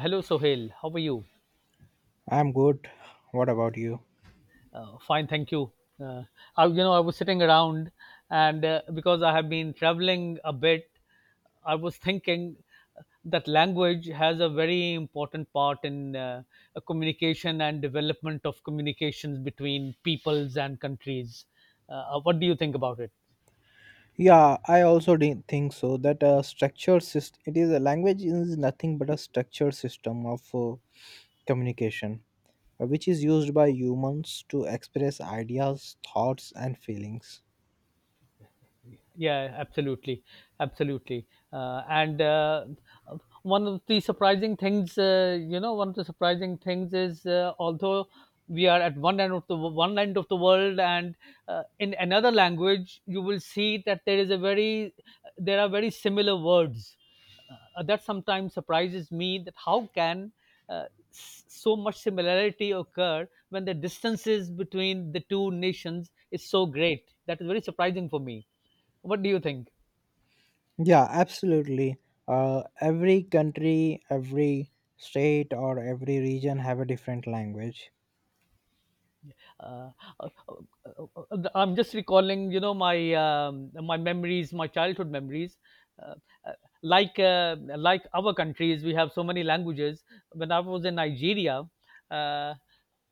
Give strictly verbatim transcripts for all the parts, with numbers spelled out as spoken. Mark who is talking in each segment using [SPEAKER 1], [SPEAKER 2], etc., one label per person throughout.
[SPEAKER 1] Hello, Sohail. How are you?
[SPEAKER 2] I'm good. What about you?
[SPEAKER 1] Uh, fine, thank you. Uh, I, you know, I was sitting around, and uh, because I have been traveling a bit, I was thinking that language has a very important part in uh, a communication and development of communications between peoples and countries. Uh, what do you think about it?
[SPEAKER 2] Yeah, I also didn't think so. That a structured system, it is a language is nothing but a structured system of uh, communication, uh, which is used by humans to express ideas, thoughts, and feelings.
[SPEAKER 1] Yeah, absolutely, absolutely. Uh, and uh, One of the surprising things, uh, you know, one of the surprising things is uh, although we are at one end of the one end of the world, and uh, in another language, you will see that there is a very there are very similar words uh, that sometimes surprises me, that how can uh, s- so much similarity occur when the distances between the two nations is so great? That is very surprising for me. What do you think?
[SPEAKER 2] Yeah, absolutely. Uh, every country, every state, or every region have a different language.
[SPEAKER 1] Uh, uh, uh, uh, uh, I'm just recalling, you know, my um, my memories, my childhood memories. Uh, uh, like uh, like our countries, we have so many languages. When I was in Nigeria, uh,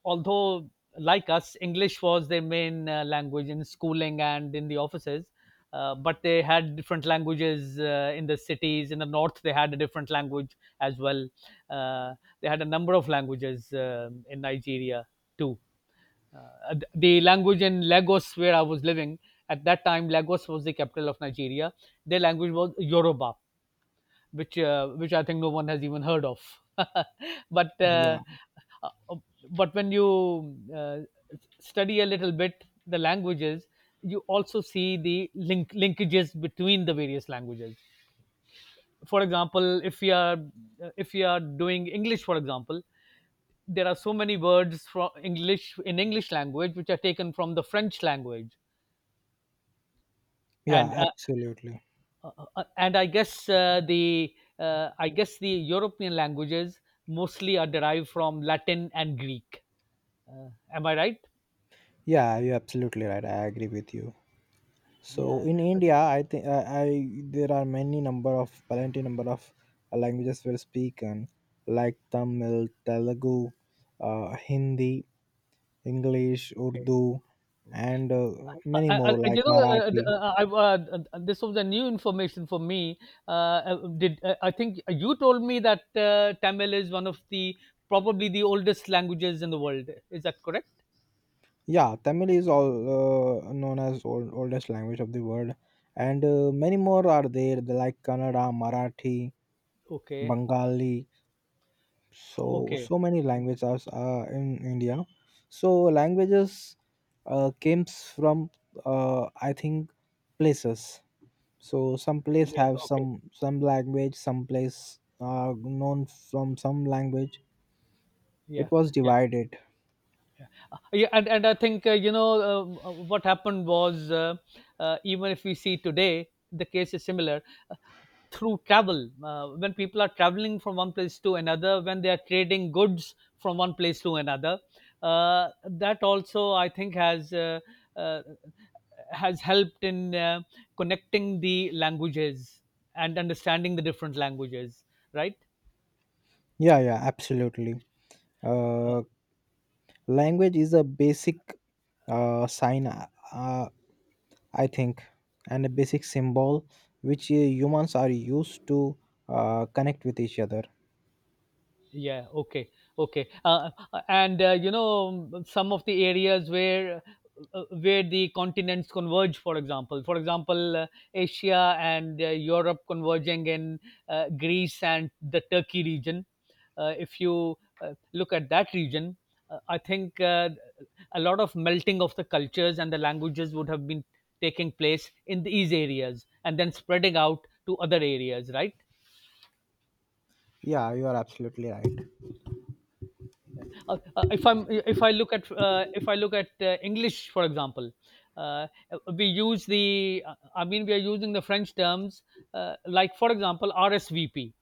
[SPEAKER 1] although, like us, English was their main uh, language in schooling and in the offices. Uh, but they had different languages uh, in the cities. In the north, they had a different language as well. Uh, they had a number of languages um in Nigeria too. Uh, the language in Lagos, where I was living at that time. Lagos was the capital of Nigeria. Their language was Yoruba, which uh, which I think no one has even heard of. but uh,
[SPEAKER 2] Yeah,
[SPEAKER 1] uh, but when you uh, study a little bit the languages, you also see the link linkages between the various languages. For example, if you are, if you are doing English, for example, there are so many words from english in english language which are taken from the french language.
[SPEAKER 2] yeah,
[SPEAKER 1] and uh,
[SPEAKER 2] absolutely.
[SPEAKER 1] uh, uh, and I guess, uh, the uh, I guess the european languages mostly are derived from latin and greek. uh, am I right?
[SPEAKER 2] Yeah, you're absolutely right. I agree with you. So
[SPEAKER 1] Yeah,
[SPEAKER 2] in India, I think uh, I there are many number of plenty number of uh, languages were spoken, like Tamil, Telugu, uh, Hindi, English,
[SPEAKER 1] okay.
[SPEAKER 2] Urdu, and uh,
[SPEAKER 1] Uh,
[SPEAKER 2] many
[SPEAKER 1] uh, uh,
[SPEAKER 2] more
[SPEAKER 1] you
[SPEAKER 2] like
[SPEAKER 1] know, uh,
[SPEAKER 2] Marathi.
[SPEAKER 1] uh, I, uh, uh, This was a new information for me. Uh, uh, did uh, I think you told me that uh, Tamil is one of the, probably the oldest languages in the world? Is that correct?
[SPEAKER 2] Yeah, Tamil is all uh, known as old, oldest language of the world, and uh, many more are there the like Kannada, Marathi,
[SPEAKER 1] Okay.
[SPEAKER 2] Bengali. So
[SPEAKER 1] Okay.
[SPEAKER 2] so many languages are uh, in India. So languages uh, came from uh, I think places. So some place
[SPEAKER 1] Yeah.
[SPEAKER 2] have
[SPEAKER 1] Okay.
[SPEAKER 2] some some language, some place are known from some language.
[SPEAKER 1] Yeah.
[SPEAKER 2] It was
[SPEAKER 1] Yeah.
[SPEAKER 2] divided.
[SPEAKER 1] Yeah. And and I think uh, you know uh, uh, what happened was uh, uh, even if we see today, the case is similar. uh, Through travel, uh, when people are traveling from one place to another, when they are trading goods from one place to another, uh, that also, I think has. Uh, uh, has helped in uh, connecting the languages and understanding the different languages, right?
[SPEAKER 2] Yeah, yeah, absolutely. Uh, Language is a basic uh, sign, uh, uh, I think, and a basic symbol which uh, humans are used to uh, connect with each other.
[SPEAKER 1] Yeah, okay. Okay. uh, and uh, you know um, Some of the areas where uh, where the continents converge, for example for example, uh, asia and uh, europe converging in uh, greece and the turkey region, uh, if you uh, look at that region, uh, I think uh, a lot of melting of the cultures and the languages would have been taking place in these areas and then spreading out to other areas, right?
[SPEAKER 2] Yeah, you are absolutely right.
[SPEAKER 1] Uh, uh, if i'm if I look at uh, if i look at uh, english, for example, uh, we use the, I mean, we are using the french terms, uh, like for example R S V P,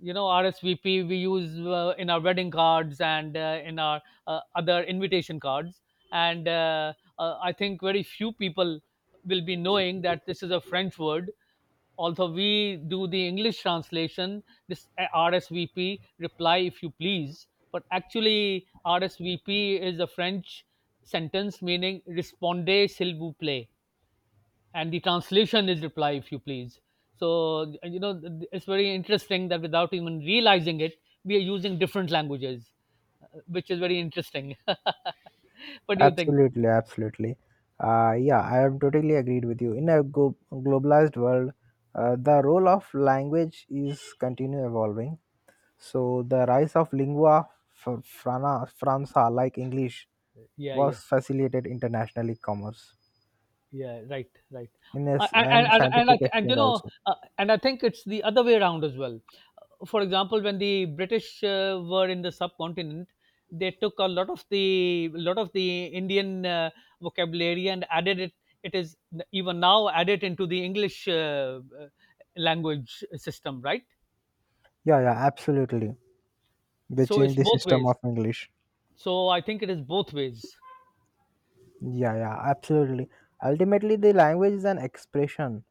[SPEAKER 1] you know, R S V P we use uh, in our wedding cards and uh, in our uh, other invitation cards. And uh, uh, I think very few people will be knowing that this is a French word. Although we do the English translation, this uh, R S V P, reply if you please. But actually, R S V P is a French sentence meaning respondez s'il vous plaît, and the translation is reply if you please. So you know, th- it's very interesting that without even realizing it, we are using different languages, uh, which is very interesting. What do you think?
[SPEAKER 2] Absolutely, absolutely. Uh, yeah, I am totally agreed with you. In a go- globalized world, uh, the role of language is continue evolving. So the rise of lingua fr- frana, franca, like English,
[SPEAKER 1] Yeah,
[SPEAKER 2] was
[SPEAKER 1] yeah.
[SPEAKER 2] facilitated internationally commerce
[SPEAKER 1] Yeah, right, right.
[SPEAKER 2] in
[SPEAKER 1] Uh,
[SPEAKER 2] this
[SPEAKER 1] And and
[SPEAKER 2] and
[SPEAKER 1] and, and, I,
[SPEAKER 2] scientific
[SPEAKER 1] th- and you
[SPEAKER 2] exchange
[SPEAKER 1] know,
[SPEAKER 2] also.
[SPEAKER 1] uh, and I think it's the other way around as well. Uh, For example, when the British uh, were in the subcontinent, they took a lot of the lot of the Indian uh, vocabulary and added it. It is even now added into the English uh, uh, language system, right?
[SPEAKER 2] Yeah, yeah, absolutely. They
[SPEAKER 1] So
[SPEAKER 2] change
[SPEAKER 1] it's
[SPEAKER 2] the
[SPEAKER 1] both
[SPEAKER 2] system
[SPEAKER 1] ways.
[SPEAKER 2] of English.
[SPEAKER 1] So I think it is both ways.
[SPEAKER 2] Yeah, yeah, absolutely. Ultimately, the language is an expression,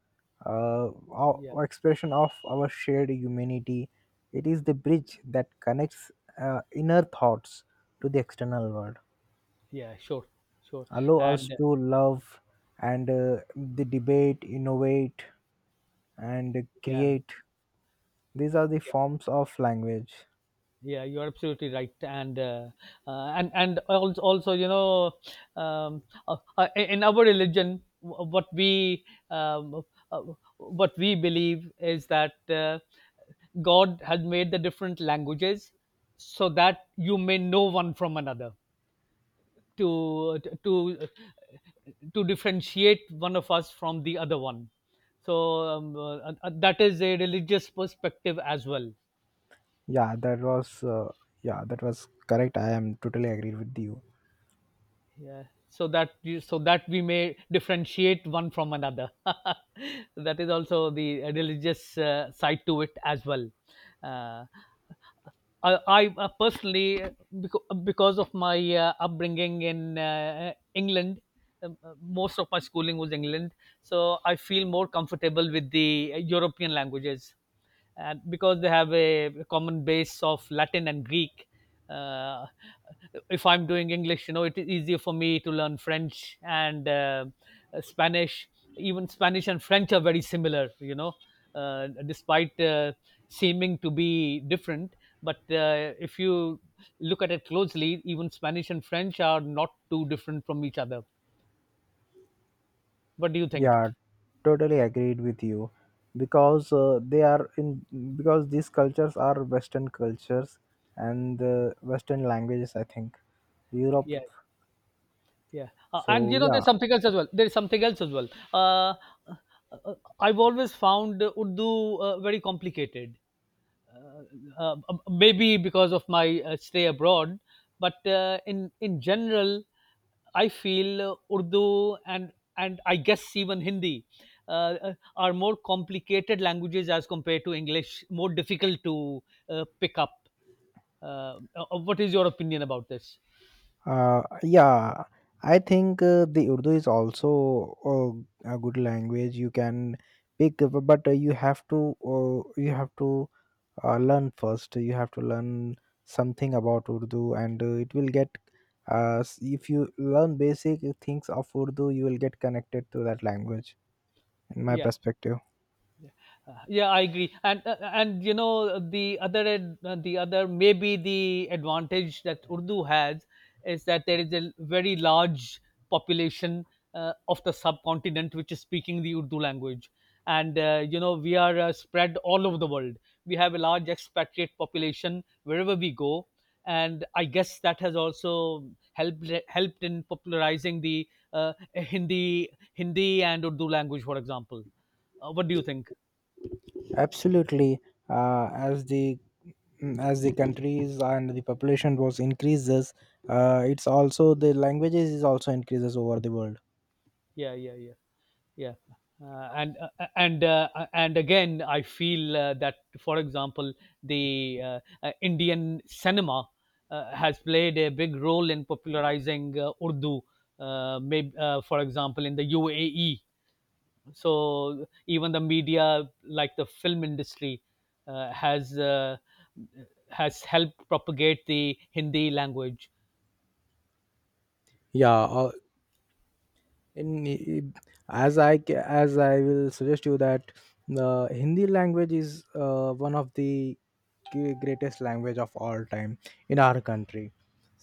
[SPEAKER 2] uh o-
[SPEAKER 1] Yeah,
[SPEAKER 2] expression of our shared humanity. It is the bridge that connects uh, inner thoughts to the external world,
[SPEAKER 1] yeah, sure, sure,
[SPEAKER 2] allow us
[SPEAKER 1] and uh,
[SPEAKER 2] to love, and uh, the debate, innovate, and
[SPEAKER 1] yeah,
[SPEAKER 2] create. These are the
[SPEAKER 1] yeah.
[SPEAKER 2] forms of language.
[SPEAKER 1] Yeah, you're absolutely right, and uh, uh, and and also, also you know, um, uh, uh, in our religion, wh- what we um, uh, what we believe is that uh, God has made the different languages so that you may know one from another, to to to differentiate one of us from the other one. So um, uh, uh, that is a religious perspective as well.
[SPEAKER 2] yeah that was uh, yeah, that was correct. I am totally agreed with you.
[SPEAKER 1] Yeah, so that you, so that we may differentiate one from another. That is also the religious uh, side to it as well. Uh, I, I uh, Personally, because, because of my uh, upbringing in uh, England, um, uh, most of my schooling was England, so I feel more comfortable with the uh, European languages, and because they have a common base of Latin and Greek. Uh, if I'm doing English, you know, it is easier for me to learn French and uh, uh, Spanish. Even Spanish and French are very similar, you know, uh, despite uh, seeming to be different. But uh, if you look at it closely, even Spanish and French are not too different from each other. What do you think?
[SPEAKER 2] Yeah, totally agreed with you because uh, they are in because these cultures are western cultures, and uh, western languages, I think, Europe.
[SPEAKER 1] Yeah. Yeah, uh, and
[SPEAKER 2] So
[SPEAKER 1] you know,
[SPEAKER 2] yeah.
[SPEAKER 1] there's something else as well. There's something else as well. Uh, uh, I've always found uh, Urdu uh, very complicated. Uh, uh, Maybe because of my uh, stay abroad, but uh, in in general, I feel uh, Urdu, and and I guess even Hindi uh, uh, are more complicated languages as compared to English, more difficult to uh, pick up. Uh, uh, what is your opinion about this?
[SPEAKER 2] Uh, yeah i think uh, the Urdu is also uh, a good language. You can pick up, but uh, you have to uh, you have to uh, learn first. You have to learn something about Urdu, and uh, it will get uh, s- if you learn basic things of Urdu, you will get connected to that language, in my
[SPEAKER 1] Yeah.
[SPEAKER 2] perspective.
[SPEAKER 1] Yeah, I agree. And uh, and you know, the other ad- uh, the other, maybe the advantage that urdu has is that there is a very large population uh, of the subcontinent which is speaking the urdu language, and uh, you know, we are uh, spread all over the world. We have a large expatriate population wherever we go, and I guess that has also helped helped in popularizing the uh, hindi hindi and urdu language, for example. Uh, what do you think?
[SPEAKER 2] Absolutely. Uh, as the mm, as the countries and the population was increases, uh, it's also the languages is also increases over the world.
[SPEAKER 1] Yeah, yeah, yeah. Yeah. Uh, and uh, uh, and uh, uh, and again, I feel uh, that, for example, the uh, uh, indian cinema uh, has played a big role in popularizing uh, urdu, uh, maybe, uh, for example, in the U A E. So even the media, like the film industry, uh, has uh, has helped propagate the hindi language.
[SPEAKER 2] Yeah. uh, in I- as I ca- As I will suggest you that the Hindi language is uh, one of the g- greatest language of all time in our country.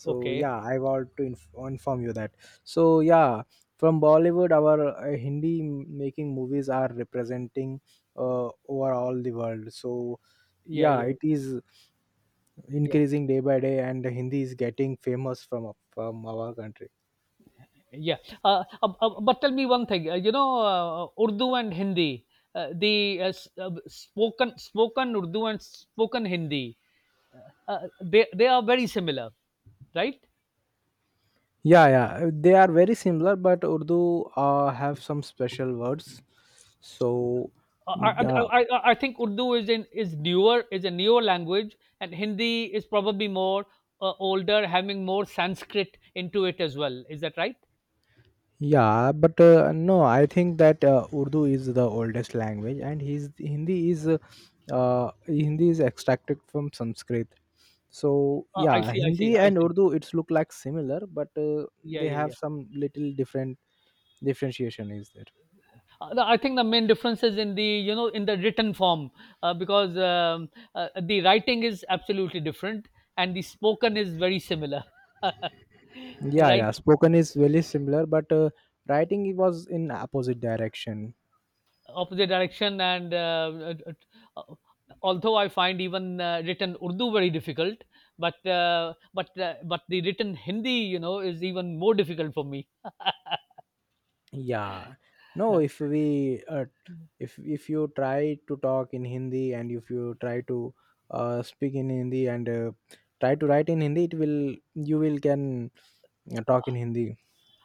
[SPEAKER 2] So
[SPEAKER 1] Okay.
[SPEAKER 2] yeah, I want to inf- inform you that. So yeah, from Bollywood, our uh, Hindi making movies are representing uh, over all the world. So
[SPEAKER 1] Yeah,
[SPEAKER 2] yeah,
[SPEAKER 1] yeah,
[SPEAKER 2] it is
[SPEAKER 1] yeah.
[SPEAKER 2] increasing day by day, and Hindi is getting famous from from our country.
[SPEAKER 1] Yeah, uh, uh, uh, but tell me one thing. Uh, you know, uh, Urdu and Hindi, uh, the uh, s- uh, spoken spoken Urdu and spoken Hindi, uh, uh, they they are very similar, right?
[SPEAKER 2] Yeah, yeah, they are very similar, but Urdu uh, have some special words. So
[SPEAKER 1] Uh, I, I,
[SPEAKER 2] the,
[SPEAKER 1] I I- I think Urdu is in is newer is a newer language, and Hindi is probably more uh, older, having more Sanskrit into it as well. Is that right?
[SPEAKER 2] yeah, but uh, no, I think that uh, Urdu is the oldest language, and his Hindi is uh, uh, Hindi is extracted from Sanskrit. So
[SPEAKER 1] Uh, I
[SPEAKER 2] yeah,
[SPEAKER 1] see, I see,
[SPEAKER 2] Hindi
[SPEAKER 1] I
[SPEAKER 2] and
[SPEAKER 1] see.
[SPEAKER 2] Urdu it's look like similar, but uh,
[SPEAKER 1] Yeah,
[SPEAKER 2] they
[SPEAKER 1] yeah,
[SPEAKER 2] have
[SPEAKER 1] yeah.
[SPEAKER 2] some little different differentiation is there.
[SPEAKER 1] Uh, the- I think the main difference is in the, you know, in the written form, uh, because um, uh, the writing is absolutely different and the spoken is very similar,
[SPEAKER 2] Yeah,
[SPEAKER 1] right?
[SPEAKER 2] yeah, spoken is very similar, but uh, writing it was in opposite direction.
[SPEAKER 1] Opposite direction, and uh, uh, uh, although I find even uh, written Urdu very difficult, but uh, but uh, but the written Hindi, you know, is even more difficult for me.
[SPEAKER 2] Yeah, no if we uh, if if you try to talk in Hindi, and if you try to uh, speak in Hindi, and uh, try to write in Hindi, it will you will can uh, talk in Hindi.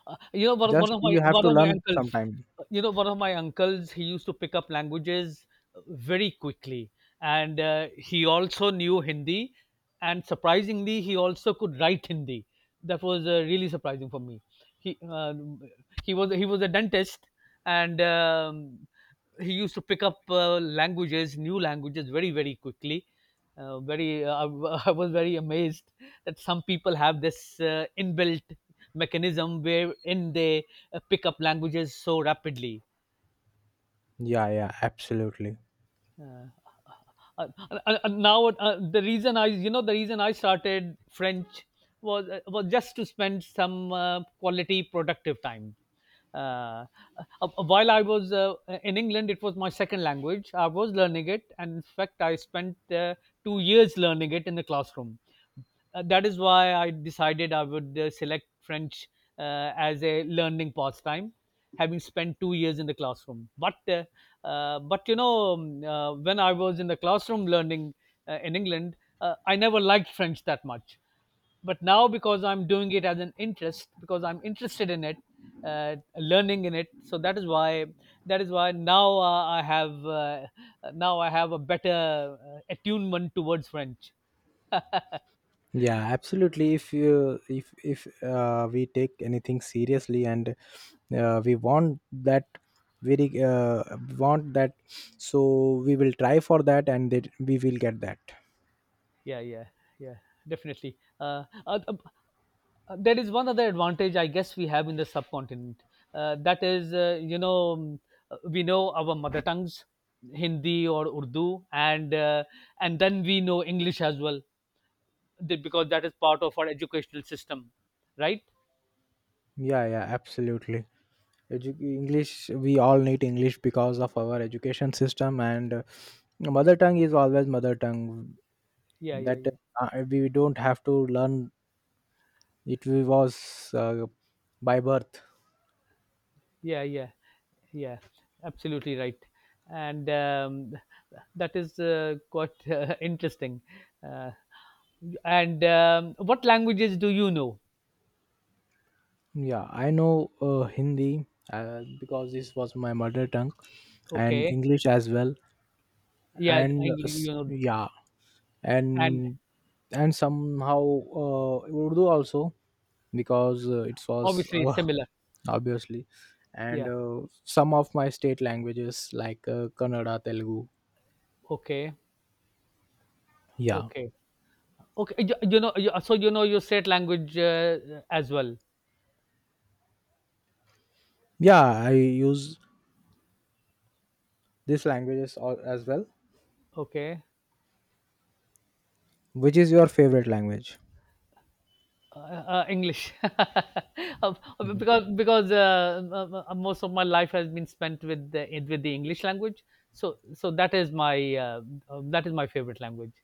[SPEAKER 1] Uh, you know, one of one
[SPEAKER 2] Just
[SPEAKER 1] of
[SPEAKER 2] you
[SPEAKER 1] my
[SPEAKER 2] have
[SPEAKER 1] one
[SPEAKER 2] to
[SPEAKER 1] of my
[SPEAKER 2] learn
[SPEAKER 1] uncles,
[SPEAKER 2] sometime.
[SPEAKER 1] you know, one of my uncles, he used to pick up languages uh, very quickly, and uh, he also knew Hindi, and surprisingly, he also could write Hindi. That was uh, really surprising for me. He uh, he was he was a dentist, and um, he used to pick up uh, languages, new languages, very very quickly. Uh, very, uh, I was very amazed that some people have this uh, inbuilt mechanism wherein they uh, pick up languages so rapidly.
[SPEAKER 2] Yeah, yeah, absolutely.
[SPEAKER 1] Yeah. uh, uh, uh, uh, uh, now uh, The reason, I you know the reason I started french was uh, was just to spend some uh, quality productive time, uh, uh, uh, while I was uh, in england. It was my second language, I was learning it, and in fact, I spent uh, two years learning it in the classroom. Uh, that is why I decided I would uh, select French uh, as a learning pastime, having spent two years in the classroom. But uh, uh, but you know, um, uh, when I was in the classroom learning uh, in England, uh, I never liked French that much. But now, because I'm doing it as an interest, because I'm interested in it, uh, learning in it, so that is why that is why now uh, I have uh, now I have a better uh, attunement towards French.
[SPEAKER 2] Yeah, absolutely. If you if if uh, we take anything seriously, and uh, we want that very uh, want that so we will try for that, and that we will get that.
[SPEAKER 1] Yeah, yeah, yeah, definitely. Uh, uh, uh, there is one other advantage I guess we have in the subcontinent, uh, that is, uh, you know um, uh, we know our mother tongues, Hindi or Urdu, and uh, and then we know English as well, th- because that is part of our educational system, right?
[SPEAKER 2] Yeah, yeah, absolutely. Edu- English, we all need English because of our education system, and uh, mother tongue is always mother tongue.
[SPEAKER 1] Yeah, yeah,
[SPEAKER 2] That
[SPEAKER 1] yeah,
[SPEAKER 2] uh, we don't have to learn it. Was uh, by birth.
[SPEAKER 1] yeah, yeah, yeah, absolutely right. And um, that is uh, quite uh, interesting. Uh, and um, What languages do you know?
[SPEAKER 2] Yeah, I know uh, Hindi uh, because this was my mother tongue, and
[SPEAKER 1] Okay.
[SPEAKER 2] English as well.
[SPEAKER 1] Yeah,
[SPEAKER 2] And uh,
[SPEAKER 1] Angry, you
[SPEAKER 2] s-
[SPEAKER 1] know,
[SPEAKER 2] yeah,
[SPEAKER 1] and
[SPEAKER 2] and and somehow uh, Urdu also, because uh, it was
[SPEAKER 1] obviously it's
[SPEAKER 2] our
[SPEAKER 1] similar.
[SPEAKER 2] obviously. And
[SPEAKER 1] Yeah.
[SPEAKER 2] uh, some of my state languages like uh, Kannada, Telugu.
[SPEAKER 1] Okay.
[SPEAKER 2] Yeah,
[SPEAKER 1] Okay. Okay. You, you know, you, so you know your state language uh, as well.
[SPEAKER 2] yeah, I use these languages al- as well.
[SPEAKER 1] Okay.
[SPEAKER 2] Which is your favorite language?
[SPEAKER 1] Uh, uh, English, Uh,
[SPEAKER 2] Mhm.
[SPEAKER 1] because because uh, uh, uh, most of my life has been spent with the with the English language. So so that is my uh, uh, that is my favorite language,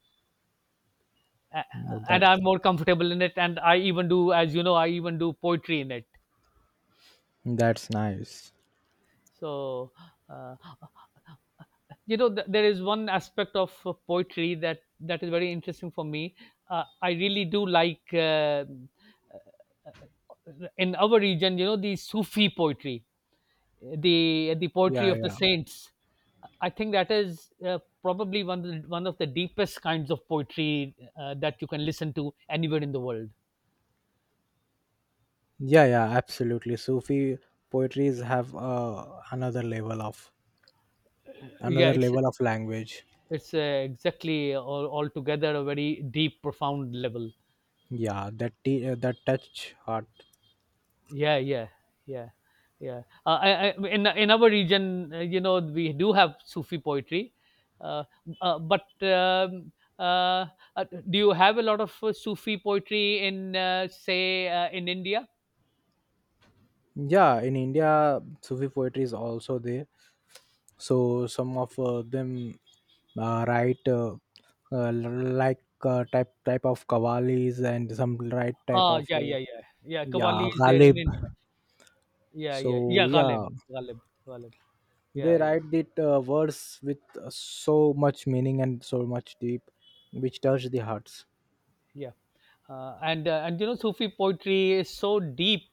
[SPEAKER 1] A-
[SPEAKER 2] Mm,
[SPEAKER 1] and
[SPEAKER 2] that,
[SPEAKER 1] I'm more comfortable in it. And I even do, as you know, I even do poetry in it.
[SPEAKER 2] that's nice.
[SPEAKER 1] So. Uh, you know th- there is one aspect of uh, poetry that that is very interesting for me. uh, I really do like uh, uh, in our region, you know, the Sufi poetry, the the poetry
[SPEAKER 2] Yeah,
[SPEAKER 1] of the
[SPEAKER 2] yeah,
[SPEAKER 1] saints. I think that is uh, probably one of the, one of the deepest kinds of poetry uh, that you can listen to anywhere in the world.
[SPEAKER 2] yeah, yeah, absolutely. Sufi poetries have uh, another level of
[SPEAKER 1] Yeah,
[SPEAKER 2] another
[SPEAKER 1] it's
[SPEAKER 2] level of language.
[SPEAKER 1] it's uh, exactly all altogether a very deep, profound level.
[SPEAKER 2] Yeah, that t- uh, that touch heart.
[SPEAKER 1] Yeah, yeah, yeah, yeah. Uh, I, I, in in our region, uh, you know, we do have Sufi poetry, uh, uh, but um, uh, uh, do you have a lot of uh, Sufi poetry in, uh, say uh, in India?
[SPEAKER 2] Yeah, in India, Sufi poetry is also there. So some of uh, them, uh, right uh, uh, like uh, type type of kavalis, and some right type
[SPEAKER 1] Ah
[SPEAKER 2] of
[SPEAKER 1] yeah,
[SPEAKER 2] uh,
[SPEAKER 1] yeah, yeah, yeah, Kavali
[SPEAKER 2] yeah,
[SPEAKER 1] is there in
[SPEAKER 2] Ghalib.
[SPEAKER 1] India. Yeah, yeah,
[SPEAKER 2] So
[SPEAKER 1] yeah, Ghalib,
[SPEAKER 2] yeah,
[SPEAKER 1] Ghalib, Ghalib,
[SPEAKER 2] they
[SPEAKER 1] yeah.
[SPEAKER 2] write the uh, words with uh, so much meaning and so much deep, which touch the hearts.
[SPEAKER 1] Yeah, uh, and uh, and you know Sufi poetry is so deep,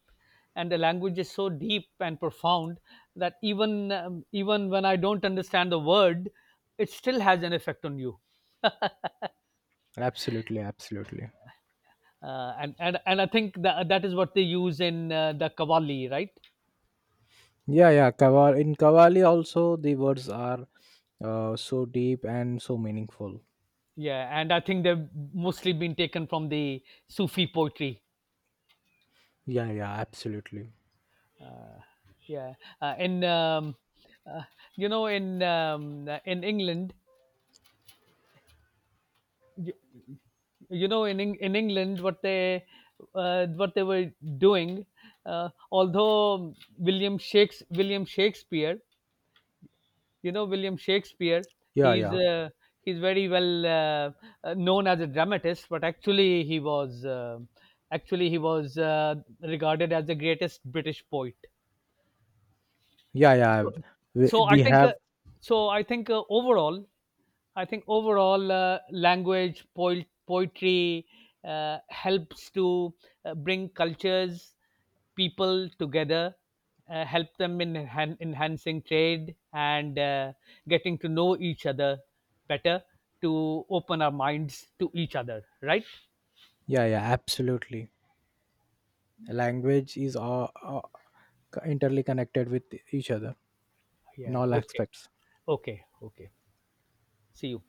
[SPEAKER 1] and the language is so deep and profound that even um, even when I don't understand the word, it still has an effect on you.
[SPEAKER 2] Absolutely, absolutely.
[SPEAKER 1] Uh, and and and I think that that is what they use in uh, the Qawwali, right?
[SPEAKER 2] Yeah, yeah. Kaval- in kavali also, the words are uh, so deep and so meaningful.
[SPEAKER 1] Yeah, and I think they've mostly been taken from the Sufi poetry.
[SPEAKER 2] Yeah, yeah, absolutely.
[SPEAKER 1] Yeah, uh, in um, uh, you know in um, in England. You know, in Eng- in England what they uh, what they were doing, uh, although William Shakes William Shakespeare, you know, William Shakespeare,
[SPEAKER 2] Yeah,
[SPEAKER 1] he's
[SPEAKER 2] yeah,
[SPEAKER 1] uh, he's very well uh, uh, known as a dramatist, but actually he was uh, actually he was uh, regarded as the greatest British poet.
[SPEAKER 2] yeah, yeah,
[SPEAKER 1] So,
[SPEAKER 2] we,
[SPEAKER 1] so I
[SPEAKER 2] we
[SPEAKER 1] think
[SPEAKER 2] have.
[SPEAKER 1] uh, so I think uh, overall, I think overall uh, language, poet, poetry uh, helps to uh, bring cultures, people together, uh, help them in enhan- enhancing trade and uh, getting to know each other better, to open our minds to each other, right?
[SPEAKER 2] Yeah, yeah, absolutely. Language is all, all interly connected with each other in
[SPEAKER 1] Yeah,
[SPEAKER 2] all
[SPEAKER 1] okay.
[SPEAKER 2] aspects.
[SPEAKER 1] Okay. Okay. See you.